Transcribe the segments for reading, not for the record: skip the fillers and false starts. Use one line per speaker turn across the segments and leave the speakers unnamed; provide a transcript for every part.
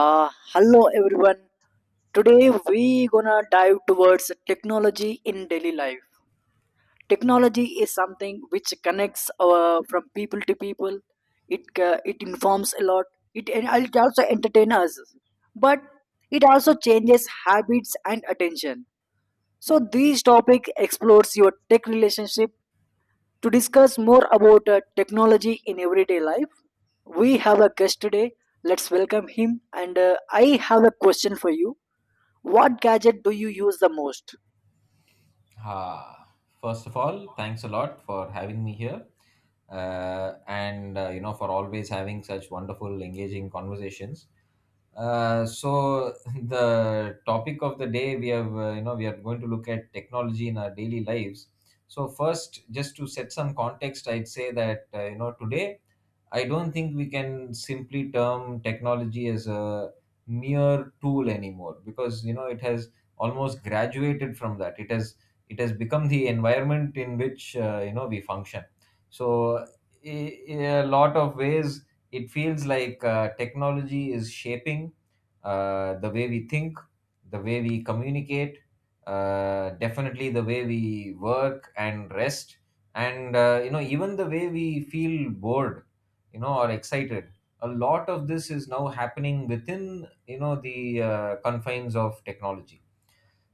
Hello everyone. Today we gonna dive towards technology in daily life. Technology is something which connects from people to people. It informs a lot. It and it also entertains us, but it also changes habits and attention. So this topic explores your tech relationship. To discuss more about technology in everyday life, we have a guest today. Let's welcome him. And I have a question for you, what gadget do you use the most?
Ah, first of all, thanks a lot for having me here, and you know for always having such wonderful, engaging conversations. So the topic of the day we have, we are going to look at technology in our daily lives. So first, just to set some context, I'd say that today I don't think we can simply term technology as a mere tool anymore because you know it has almost graduated from that. It has become the environment in which we function. So in a lot of ways, it feels like technology is shaping the way we think, the way we communicate, definitely the way we work and rest, and you know even the way we feel bored you know or excited. A lot of this is now happening within you know the confines of technology.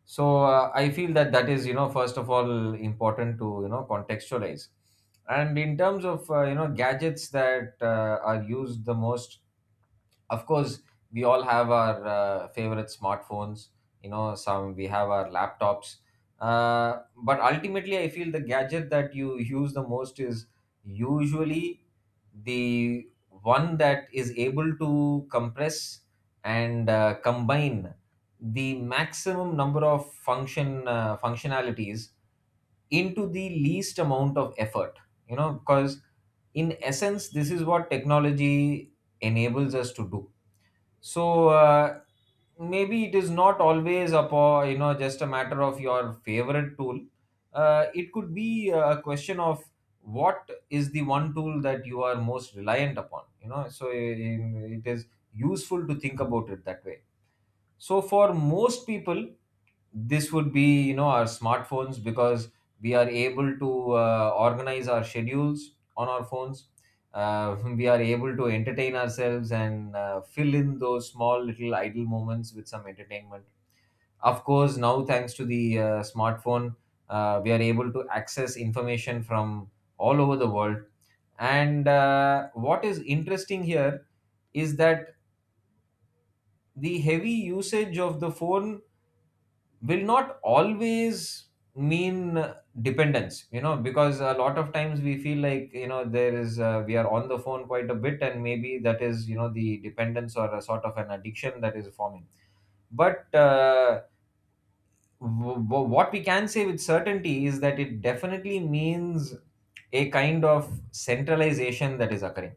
So I feel that that is you know first of all important to you know contextualize. And in terms of you know gadgets that are used the most, of course we all have our favorite smartphones, you know some we have our laptops, but ultimately I feel the gadget that you use the most is usually the one that is able to compress and combine the maximum number of functionalities into the least amount of effort, you know, because in essence this is what technology enables us to do. So maybe it is not always upon you know just a matter of your favorite tool. It could be a question of what is the one tool that you are most reliant upon, you know, so in, it is useful to think about it that way. So for most people, this would be you know our smartphones because we are able to organize our schedules on our phones. We are able to entertain ourselves and fill in those small little idle moments with some entertainment. Of course, now thanks to the smartphone, we are able to access information from all over the world. And what is interesting here is that the heavy usage of the phone will not always mean dependence, you know, because a lot of times we feel like you know there is we are on the phone quite a bit and maybe that is you know the dependence or a sort of an addiction that is forming. But what we can say with certainty is that it definitely means a kind of centralization that is occurring.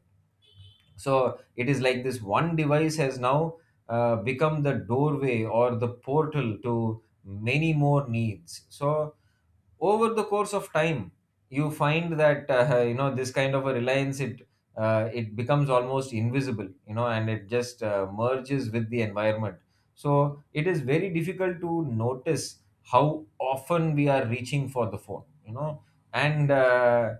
So it is like this one device has now become the doorway or the portal to many more needs. So over the course of time you find that you know this kind of a reliance, it becomes almost invisible, you know, and it just merges with the environment. So it is very difficult to notice how often we are reaching for the phone, you know. And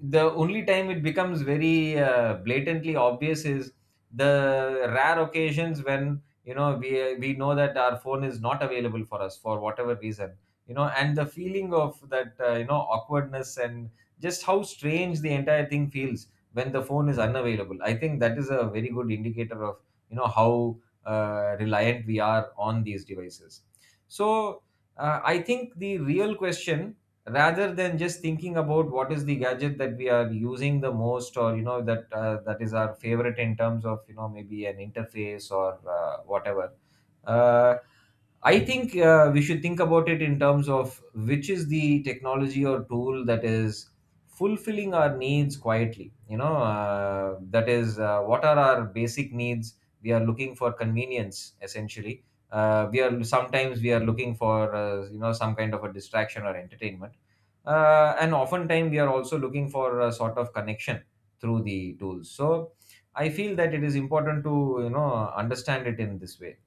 the only time it becomes very blatantly obvious is the rare occasions when you know we know that our phone is not available for us for whatever reason, you know, and the feeling of that you know awkwardness and just how strange the entire thing feels when the phone is unavailable. I think that is a very good indicator of you know how reliant we are on these devices. So I think the real question, rather than just thinking about what is the gadget that we are using the most or you know that that is our favorite in terms of you know maybe an interface or whatever, uh, I think we should think about it in terms of which is the technology or tool that is fulfilling our needs quietly. You know, that is, what are our basic needs? We are looking for convenience essentially. We are Sometimes we are looking for some kind of a distraction or entertainment, and oftentimes we are also looking for a sort of connection through the tools. So I feel that it is important to you know understand it in this way.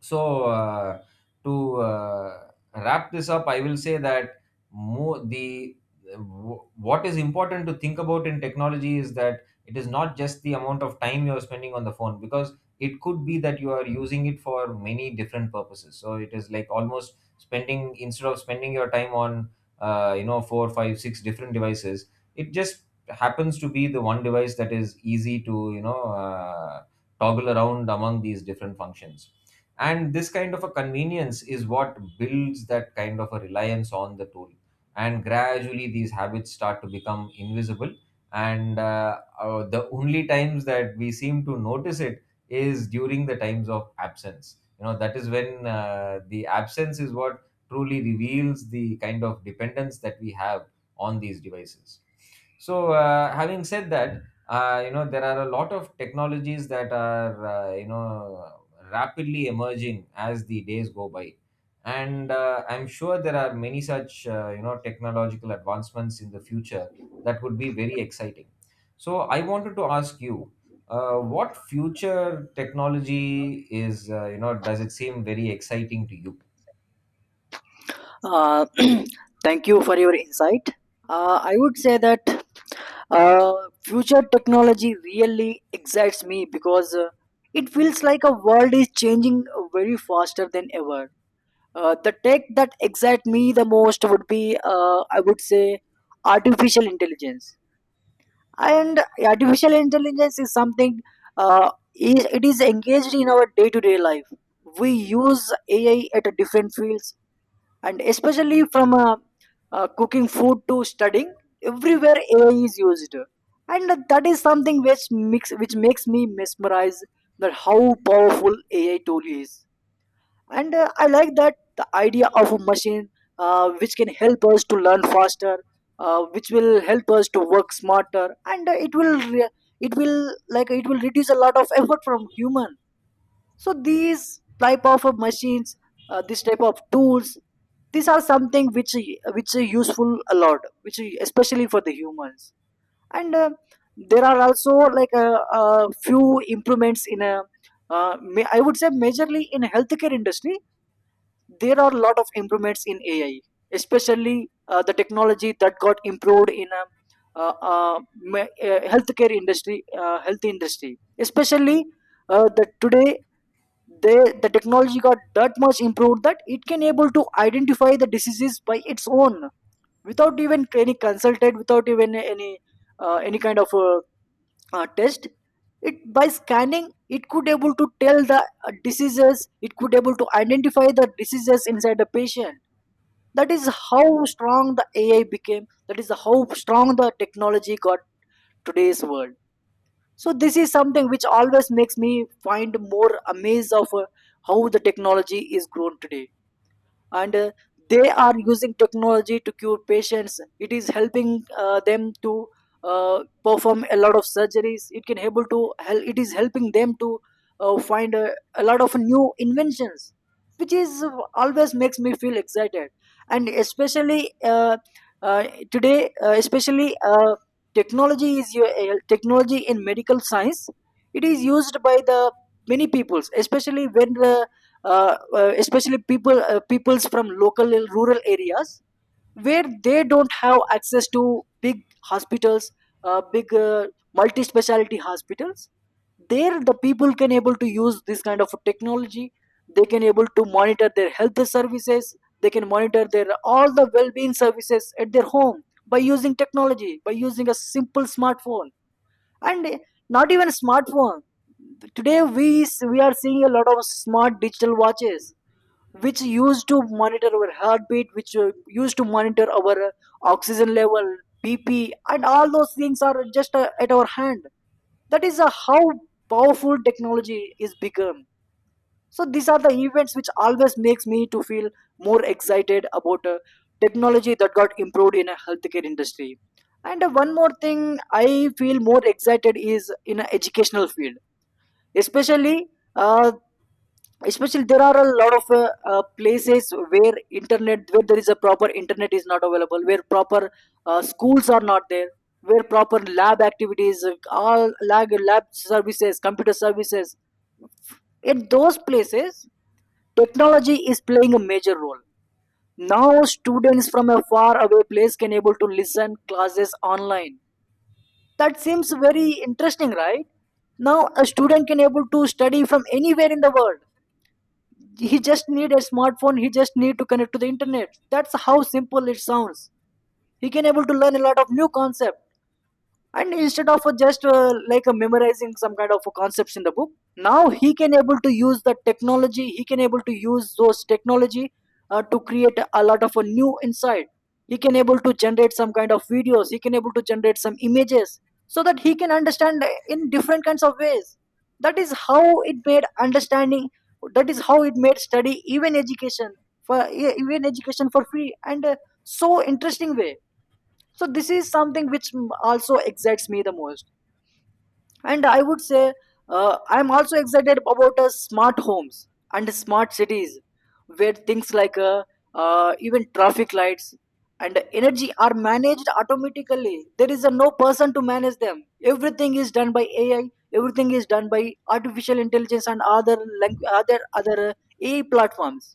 So to wrap this up I will say that more the what is important to think about in technology is that it is not just the amount of time you are spending on the phone, because it could be that you are using it for many different purposes. So it is like almost spending, instead of spending your time on you know 4, 5, 6 different devices, it just happens to be the one device that is easy to you know toggle around among these different functions. And this kind of a convenience is what builds that kind of a reliance on the tool, and gradually these habits start to become invisible. And the only times that we seem to notice it is during the times of absence. You know, that is when the absence is what truly reveals the kind of dependence that we have on these devices. So having said that, you know there are a lot of technologies that are you know rapidly emerging as the days go by. And I'm sure there are many such you know technological advancements in the future that would be very exciting. So I wanted to ask you, what future technology is, you know, does it seem very exciting to you?
Uh, thank you for your insight. I would say that uh, future technology really excites me because it feels like a world is changing very faster than ever. The tech that excites me the most would be, I would say, artificial intelligence. And artificial intelligence is something it is engaged in our day-to-day life. We use AI at a different fields and especially from cooking food to studying, everywhere ai is used. And that is something which makes me mesmerized, that how powerful ai tool is. And I like that the idea of a machine, which can help us to learn faster, which will help us to work smarter, and it will re- it will like it will reduce a lot of effort from human. So these type of machines, this type of tools, these are something which are useful a lot, which is especially for the humans. And there are also like a few improvements in a I would say majorly in healthcare industry. There are a lot of improvements in ai, especially the technology that got improved in a uh, uh, healthcare industry, health industry, especially the today they the technology got that much improved that it can able to identify the diseases by its own without even any consulted, without even any kind of test. It by scanning, it could able to tell the diseases, it could able to identify the diseases inside the patient. That is how strong the ai became, that is how strong the technology got today's world. So this is something which always makes me find more amazed of how the technology is grown today. And they are using technology to cure patients, it is helping them to perform a lot of surgeries, it can able to help, it is helping them to find a lot of new inventions, which is always makes me feel excited. And especially today especially technology is technology in medical science, it is used by the many peoples, especially when the especially people, peoples from local and rural areas where they don't have access to big hospitals, big multi-speciality hospitals. There the people can able to use this kind of technology, they can able to monitor their health services, they can monitor their all the well-being services at their home by using technology, by using a simple smartphone. And not even a smartphone, today we are seeing a lot of smart digital watches which used to monitor our heartbeat, which used to monitor our oxygen level, BP, and all those things are just at our hand. That is how powerful technology is become. So these are the events which always makes me to feel more excited about technology that got improved in a healthcare industry. And one more thing I feel more excited is in a educational field, especially. Uh, especially there are a lot of places where internet, where there is a proper internet is not available, where proper schools are not there, where proper lab activities, all lab services, computer services, in those places technology is playing a major role. Now students from a far away place can able to listen classes online. That seems very interesting, right? Now a student can able to study from anywhere in the world. He just need a smartphone, he just need to connect to the internet. That's how simple it sounds. He can able to learn a lot of new concept, and instead of just like memorizing some kind of concepts in the book, now he can able to use the technology, he can able to use those technology to create a lot of a new insight. He can able to generate some kind of videos, he can able to generate some images so that he can understand in different kinds of ways. That is how it made understanding, that is how it made study, even education, for even education for free and so interesting way. So this is something which also excites me the most. And I would say I'm also excited about smart homes and smart cities where things like even traffic lights and energy are managed automatically. There is a no person to manage them, everything is done by ai, everything is done by artificial intelligence and other other ai platforms.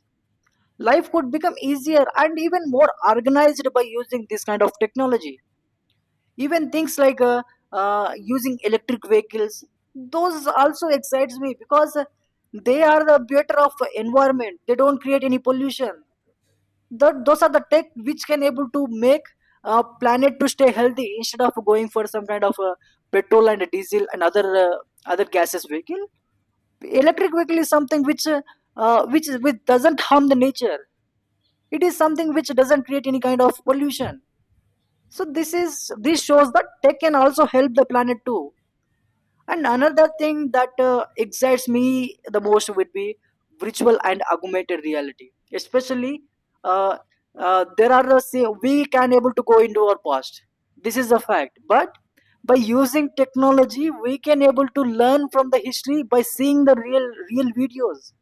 Life could become easier and even more organized by using this kind of technology. Even things like using electric vehicles, those also excites me because they are the better of environment, they don't create any pollution. That those are the tech which can able to make a planet to stay healthy, instead of going for some kind of petrol and diesel and other other gases vehicle. Electric vehicle is something which which doesn't harm the nature. It is something which doesn't create any kind of pollution. So this is, this shows that tech can also help the planet too. And another thing that excites me the most would be virtual and augmented reality. Especially, uh, there are say we can able to go into our past. This is a fact. But by using technology, we can able to learn from the history by seeing the real videos.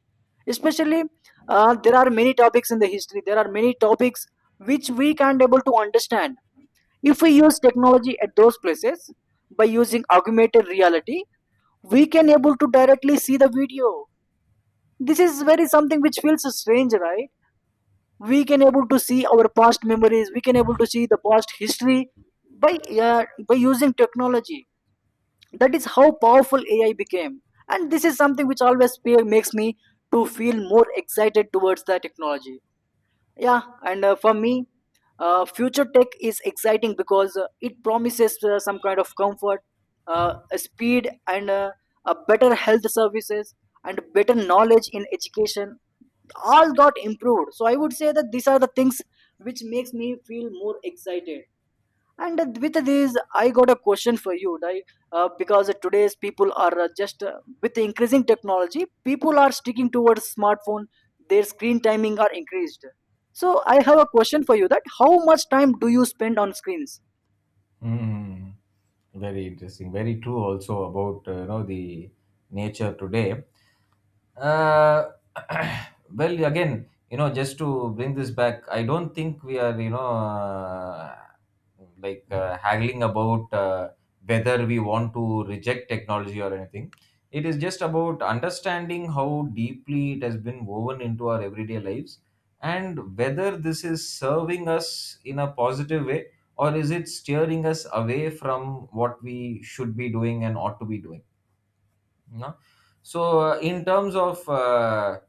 Especially, there are many topics in the history. There are many topics which we can't able to understand. If we use technology at those places, by using augmented reality, we can able to directly see the video. This is very something which feels strange, right? We can able to see our past memories, we can able to see the past history by using technology. That is how powerful ai became, and this is something which always makes me to feel more excited towards the technology. Yeah, and for me, future tech is exciting because it promises some kind of comfort, speed, and a better health services and better knowledge in education. All got improved. So I would say that these are the things which makes me feel more excited. And with this, I got a question for you, like because today's people are just with the increasing technology, people are sticking towards smartphone. Their screen timing are increased. So I have a question for you: that how much time do you spend on screens?
Mm, very interesting. Very true also about you know the nature today. uh, well, again, you know, just to bring this back, I don't think we are you know haggling about whether we want to reject technology or anything. It is just about understanding how deeply it has been woven into our everyday lives, and whether this is serving us in a positive way, or is it steering us away from what we should be doing and ought to be doing. No. So in terms of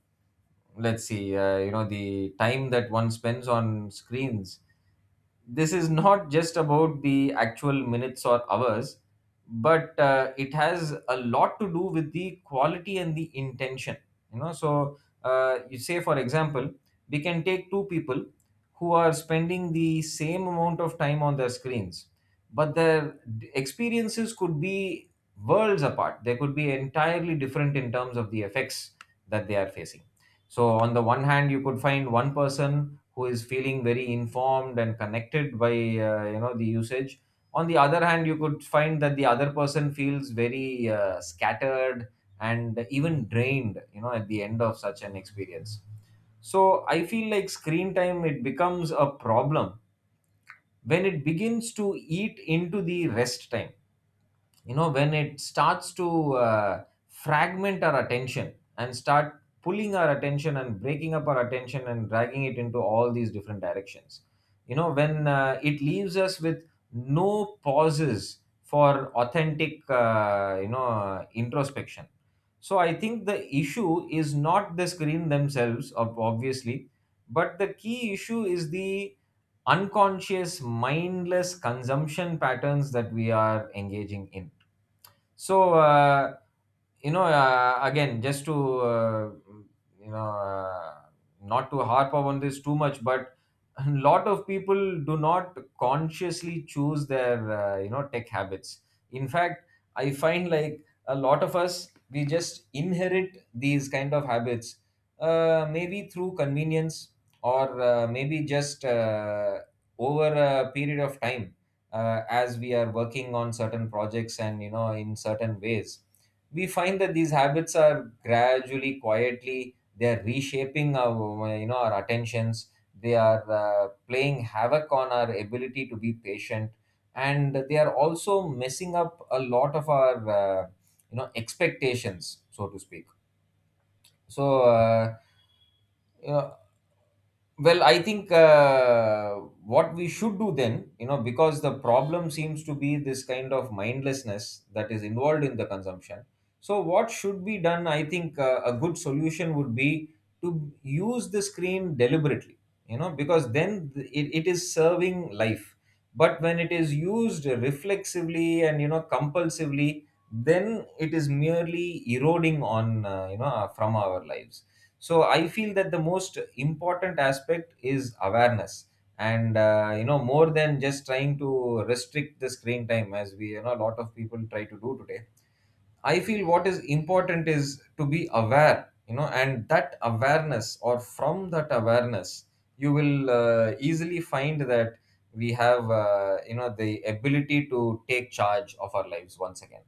let's see, you know, the time that one spends on screens, this is not just about the actual minutes or hours, but it has a lot to do with the quality and the intention, you know. So you say for example we can take two people who are spending the same amount of time on their screens, but their experiences could be worlds apart. They could be entirely different in terms of the effects that they are facing. So on the one hand you could find one person who is feeling very informed and connected by you know the usage. On the other hand you could find that the other person feels very scattered and even drained, you know, at the end of such an experience. So I feel like screen time, it becomes a problem when it begins to eat into the rest time. You know, when it starts to fragment our attention and start pulling our attention and breaking up our attention and dragging it into all these different directions, you know, when it leaves us with no pauses for authentic introspection. So I think the issue is not the screen themselves, obviously, but the key issue is the unconscious mindless consumption patterns that we are engaging in. So again, just to uh, you know uh, not to harp on this too much, but a lot of people do not consciously choose their you know tech habits. In fact, I find like a lot of us, we just inherit these kind of habits, maybe through convenience, or maybe just over a period of time, as we are working on certain projects and you know in certain ways, we find that these habits are gradually quietly they are reshaping our you know our attentions. They are playing havoc on our ability to be patient, and they are also messing up a lot of our you know expectations, so to speak. So you know, well, I think what we should do then, you know, because the problem seems to be this kind of mindlessness that is involved in the consumption. So, what should be done? I think a good solution would be to use the screen deliberately, you know, because then it, it is serving life. But when it is used reflexively and, compulsively, then it is merely eroding on, from our lives. So I feel that the most important aspect is awareness, and more than just trying to restrict the screen time as we you know a lot of people try to do today. I feel what is important is to be aware, and that awareness, or from that awareness, you will easily find that we have, the ability to take charge of our lives once again.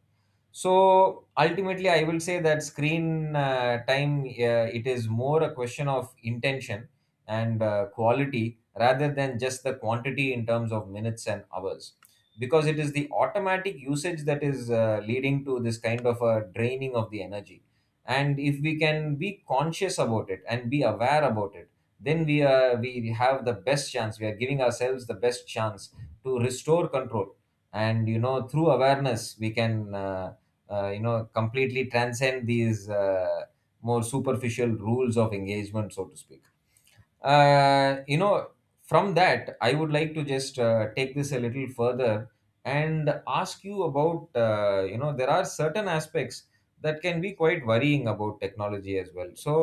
So ultimately, I will say that screen time, it is more a question of intention and quality, rather than just the quantity in terms of minutes and hours, because it is the automatic usage that is leading to this kind of a draining of the energy. And if we can be conscious about it and be aware about it, then we have the best chance, we are giving ourselves the best chance to restore control. And through awareness we can completely transcend these more superficial rules of engagement, so to speak. uh, you know from that I would like to just take this a little further and ask you about there are certain aspects that can be quite worrying about technology as well, so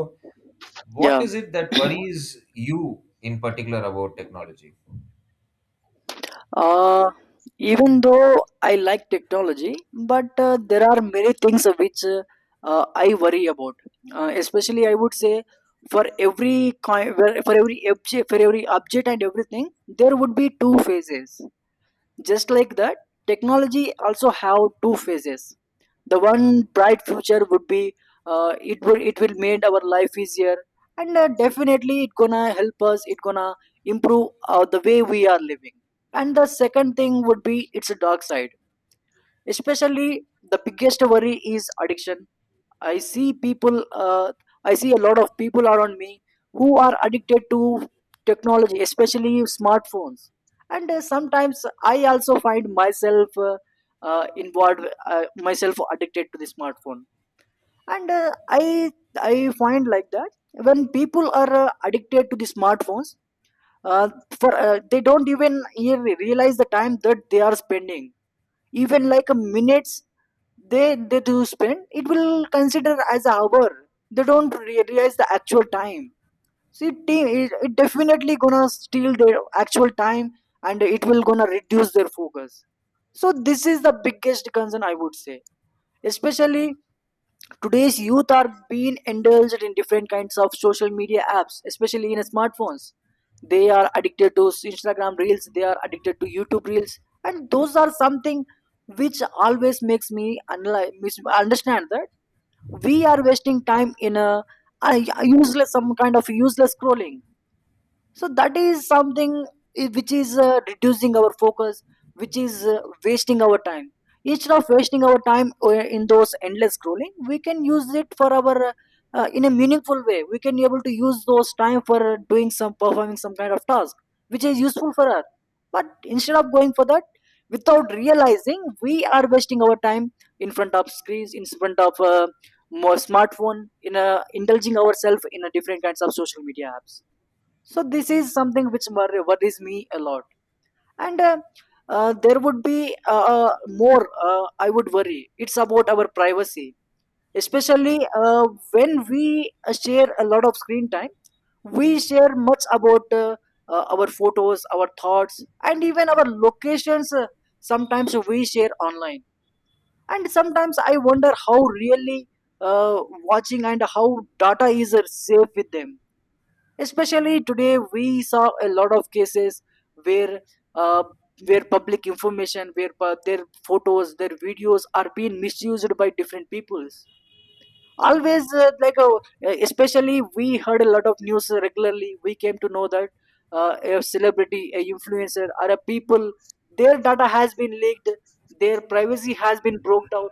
what
Yeah.
is it that worries you in particular about technology?
Uh, even though I like technology, but there are many things of which I worry about. Especially, I would say, for every coin, for every object and everything, there would be two phases. Just like that, technology also have two phases. The one bright future would be, it will make our life easier, and definitely it gonna help us, it gonna improve the way we are living. And the second thing would be it's a dark side. Especially, the biggest worry is addiction. I see people, I see a lot of people around me who are addicted to technology, especially smartphones. And sometimes I also find myself involved, myself addicted to the smartphone. And I find like that when people are addicted to the smartphones, uh, for they don't even realize the time that they are spending. Even like a minutes they do spend, it will consider as hour. They don't realize the actual time. See team it, it definitely gonna steal their actual time, and it will gonna reduce their focus. So this is the biggest concern I would say. Especially today's youth are being indulged in different kinds of social media apps, especially in smartphones. They are addicted to Instagram reels, they are addicted to YouTube reels, and those are something which always makes me understand that we are wasting time in a useless, some kind of useless scrolling. So that is something which is reducing our focus, which is wasting our time. Instead of wasting our time in those endless scrolling, we can use it for our in a meaningful way. We can be able to use those time for doing some performing some kind of task which is useful for us. But instead of going for that, without realizing, we are wasting our time in front of screens, in front of more smartphone, in indulging ourselves in a different kinds of social media apps. So this is something which worries me a lot. And There would be more I would worry it's about our privacy, especially when we share a lot of screen time. We share much about our photos, our thoughts, and even our locations. Sometimes we share online, and sometimes I wonder how really, uh, watching, and how data is safe with them. Especially today we saw a lot of cases where, uh, where public information, where their photos, their videos are being misused by different peoples. Always especially we heard a lot of news regularly. We came to know that a celebrity, a influencer, or a people, their data has been leaked, their privacy has been broke out.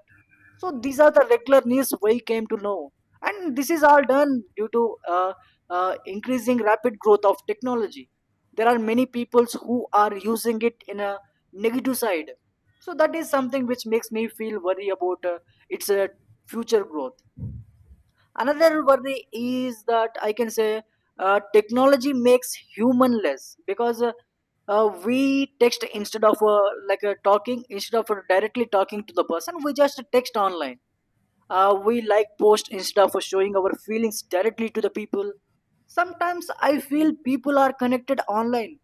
So these are the regular news we came to know. And this is all done due to increasing rapid growth of technology. There are many peoples who are using it in a negative side. So that is something which makes me feel worry about its future growth. Another worry is that I can say, technology makes human less, because we text instead of talking, instead of directly talking to the person, we just text online. We like post instead of showing our feelings directly to the people. Sometimes I feel people are connected online,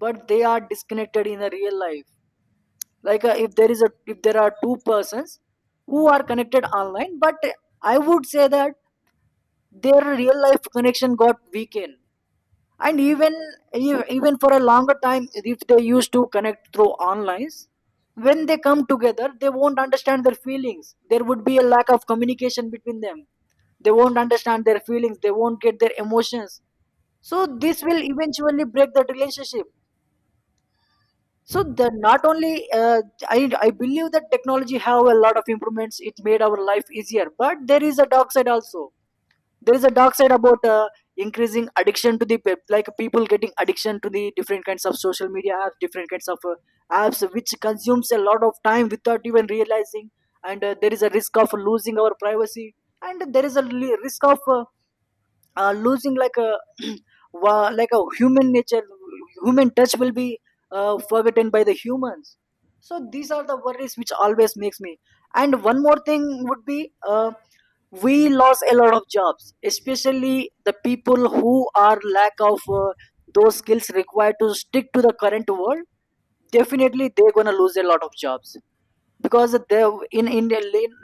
but they are disconnected in the real life. If there is a if there are two persons who are connected online, but I would say that their real life connection got weakened. And even even for a longer time, if they used to connect through online, when they come together, they won't understand their feelings. There would be a lack of communication between them. They won't understand their feelings, they won't get their emotions. So this will eventually break that relationship. So the not only I believe that technology have a lot of improvements. It made our life easier, but there is a dark side also. There is a dark side about increasing addiction to the like people getting addiction to the different kinds of social media apps, different kinds of apps which consumes a lot of time without even realizing. And There is a risk of losing our privacy. And there is a risk of losing like a like a human nature. Human touch will be forgotten by the humans. So these are the worries which always makes me. And one more thing would be, we lost a lot of jobs, especially the people who are lack of those skills required to stick to the current world. Definitely they're gonna lose a lot of jobs, because they, in India,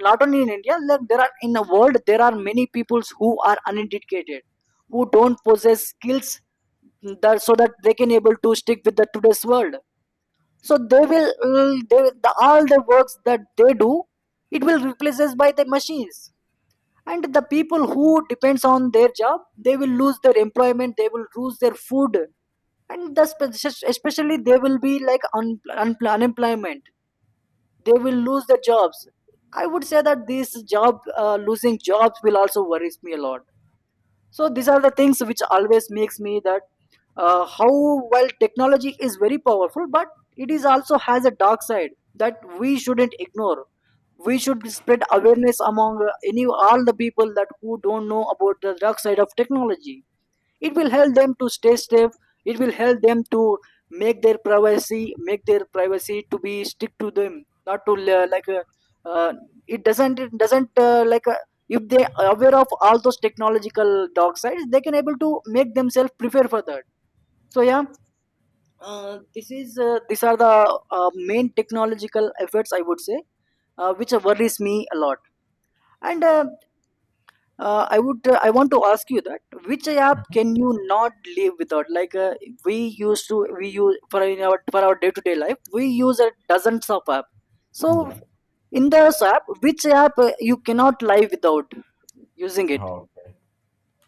not only in India, like there are in the world, there are many peoples who are uneducated, who don't possess skills that so that they can able to stick with the today's world. So they will all the works that they do, it will replaces by the machines. And the people who depends on their job, they will lose their employment, they will lose their food. And the especially they will be like unemployment, they will lose their jobs. I would say that this job, losing jobs will also worries me a lot. So these are the things which always makes me that, how, while technology is very powerful, but it is also has a dark side that we shouldn't ignore. We should spread awareness among any all the people that who don't know about the dark side of technology. It will help them to stay safe, it will help them to make their privacy, make their privacy to be stick to them. Not to uh, it doesn't if they are aware of all those technological dark sides, they can able to make themselves prepare for that. So yeah, this is these are the main technological efforts I would say, which worries me a lot. And I would. I want to ask you that, which app
Mhm.
can you not live without? We used to, we use for in our for our day to day life, we use a dozens of app. So
Yeah.
in this app, which app you cannot live without using it?
Okay.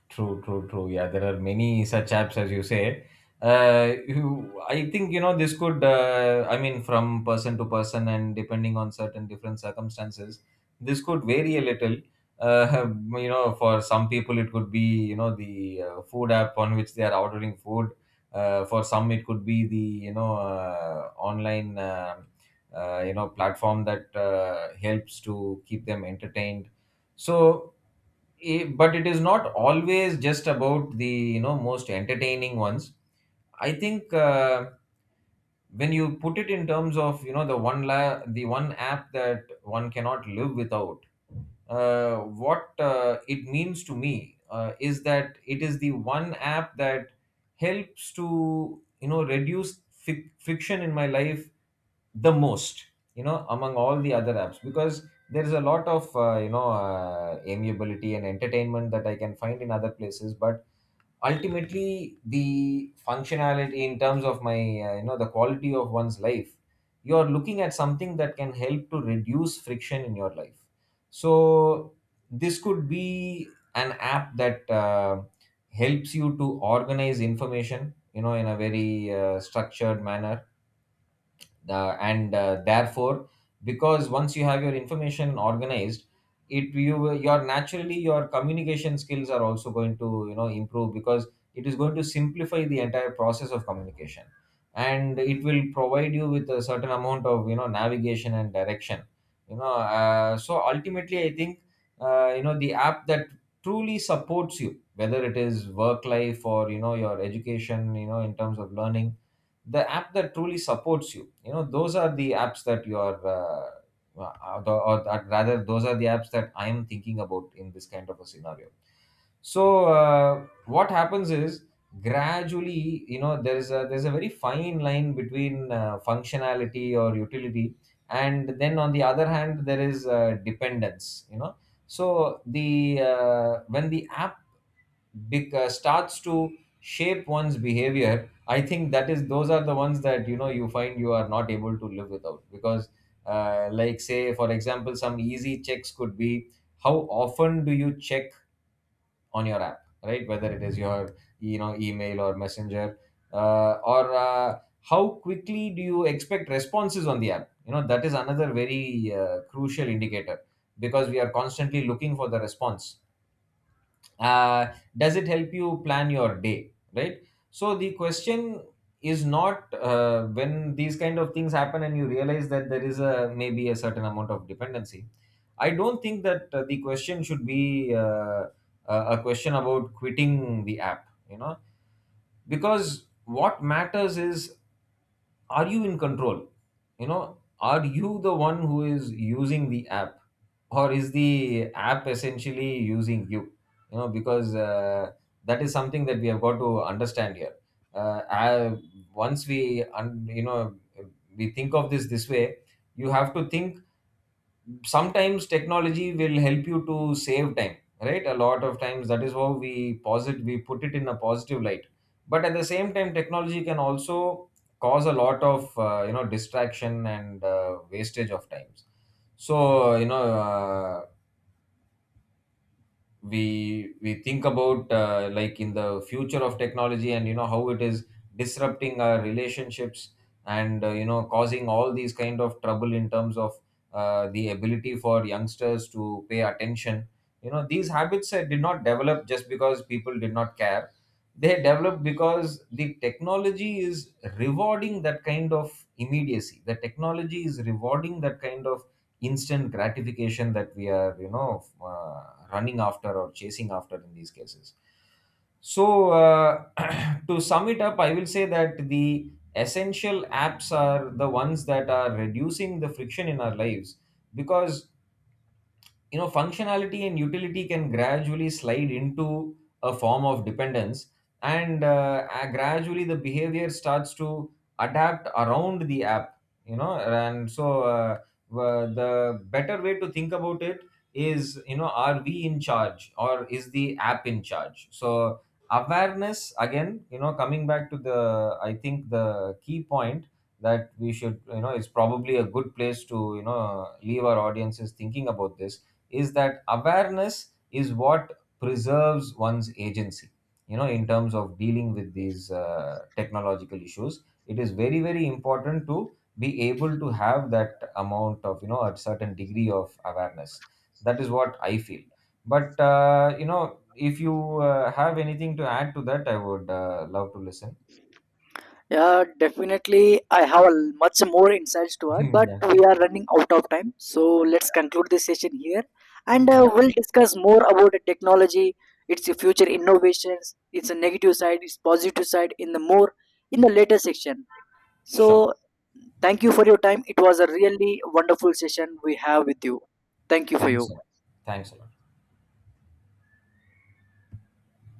True, true, true. Yeah, there are many such apps as you said. I think this could. I mean, from person to person and depending on certain different circumstances, this could vary a little. Uh, for some people it could be the food app on which they are ordering food. For some it could be the online platform that helps to keep them entertained. So. But it is not always just about the most entertaining ones. I think when you put it in terms of the the one app that one cannot live without, what it means to me is that it is the one app that helps to reduce friction in my life the most, among all the other apps, because there is a lot of amiability and entertainment that I can find in other places. But ultimately the functionality, in terms of my the quality of one's life, you are looking at something that can help to reduce friction in your life. So this could be an app that helps you to organize information, in a very structured manner. And therefore, because once you have your information organized, your, naturally, your communication skills are also going to improve, because it is going to simplify the entire process of communication, and it will provide you with a certain amount of navigation and direction. So ultimately I think the app that truly supports you, whether it is work life, or your education, in terms of learning, the app that truly supports you, you know those are the apps that or, that rather, those are the apps that I am thinking about in this kind of a scenario. So what happens is, gradually, there's a very fine line between functionality or utility, and then on the other hand there is dependence. So the when the app big starts to shape one's behavior, I think that is, those are the ones that you find you are not able to live without. Because like, say for example, some easy checks could be, how often do you check on your app, right? Whether it is your email or messenger, or how quickly do you expect responses on the app. That is another very crucial indicator, because we are constantly looking for the response. uh, does it help you plan your day, right? So the question is, not when these kind of things happen and you realize that there is a, maybe, a certain amount of dependency, I don't think that the question should be a question about quitting the app. you know because what matters is, are you in control? Are you the one who is using the app, or is the app essentially using you? You know Because that is something that we have got to understand here. uh, I- Once we un- you know we think of this way, you have to think, sometimes technology will help you to save time, right? A lot of times that is how we posit we put it in a positive light. But at the same time, technology can also cause a lot of distraction and wastage of times. So we think about like, in the future of technology, and how it is disrupting our relationships, and causing all these kind of trouble in terms of the ability for youngsters to pay attention. These habits did not develop just because people did not care. They developed because the technology is rewarding that kind of immediacy, the technology is rewarding that kind of instant gratification that we are running after or chasing after in these cases. So to sum it up, I will say that the essential apps are the ones that are reducing the friction in our lives, because functionality and utility can gradually slide into a form of dependence, and gradually the behavior starts to adapt around the app. And so the better way to think about it is, are we in charge, or is the app in charge? So awareness, again, coming back to the I think the key point, that we should, is probably a good place to, leave our audiences thinking about, this is that awareness is what preserves one's agency. In terms of dealing with these technological issues, it is very, very important to be able to have that amount of, a certain degree of awareness. That is what I feel. But if you have anything to add to that, I would love to listen.
Yeah, definitely. I have a much more insights to add, but
Yeah.
we are running out of time. So let's conclude this session here, and
Yeah.
we'll discuss more about the technology, its future innovations, its negative side, its positive side in the more in the later section.
Sure.
So thank you for your time. It was a really wonderful session we have with you. Thank you for
Thanks
you.
a lot. Thanks a lot.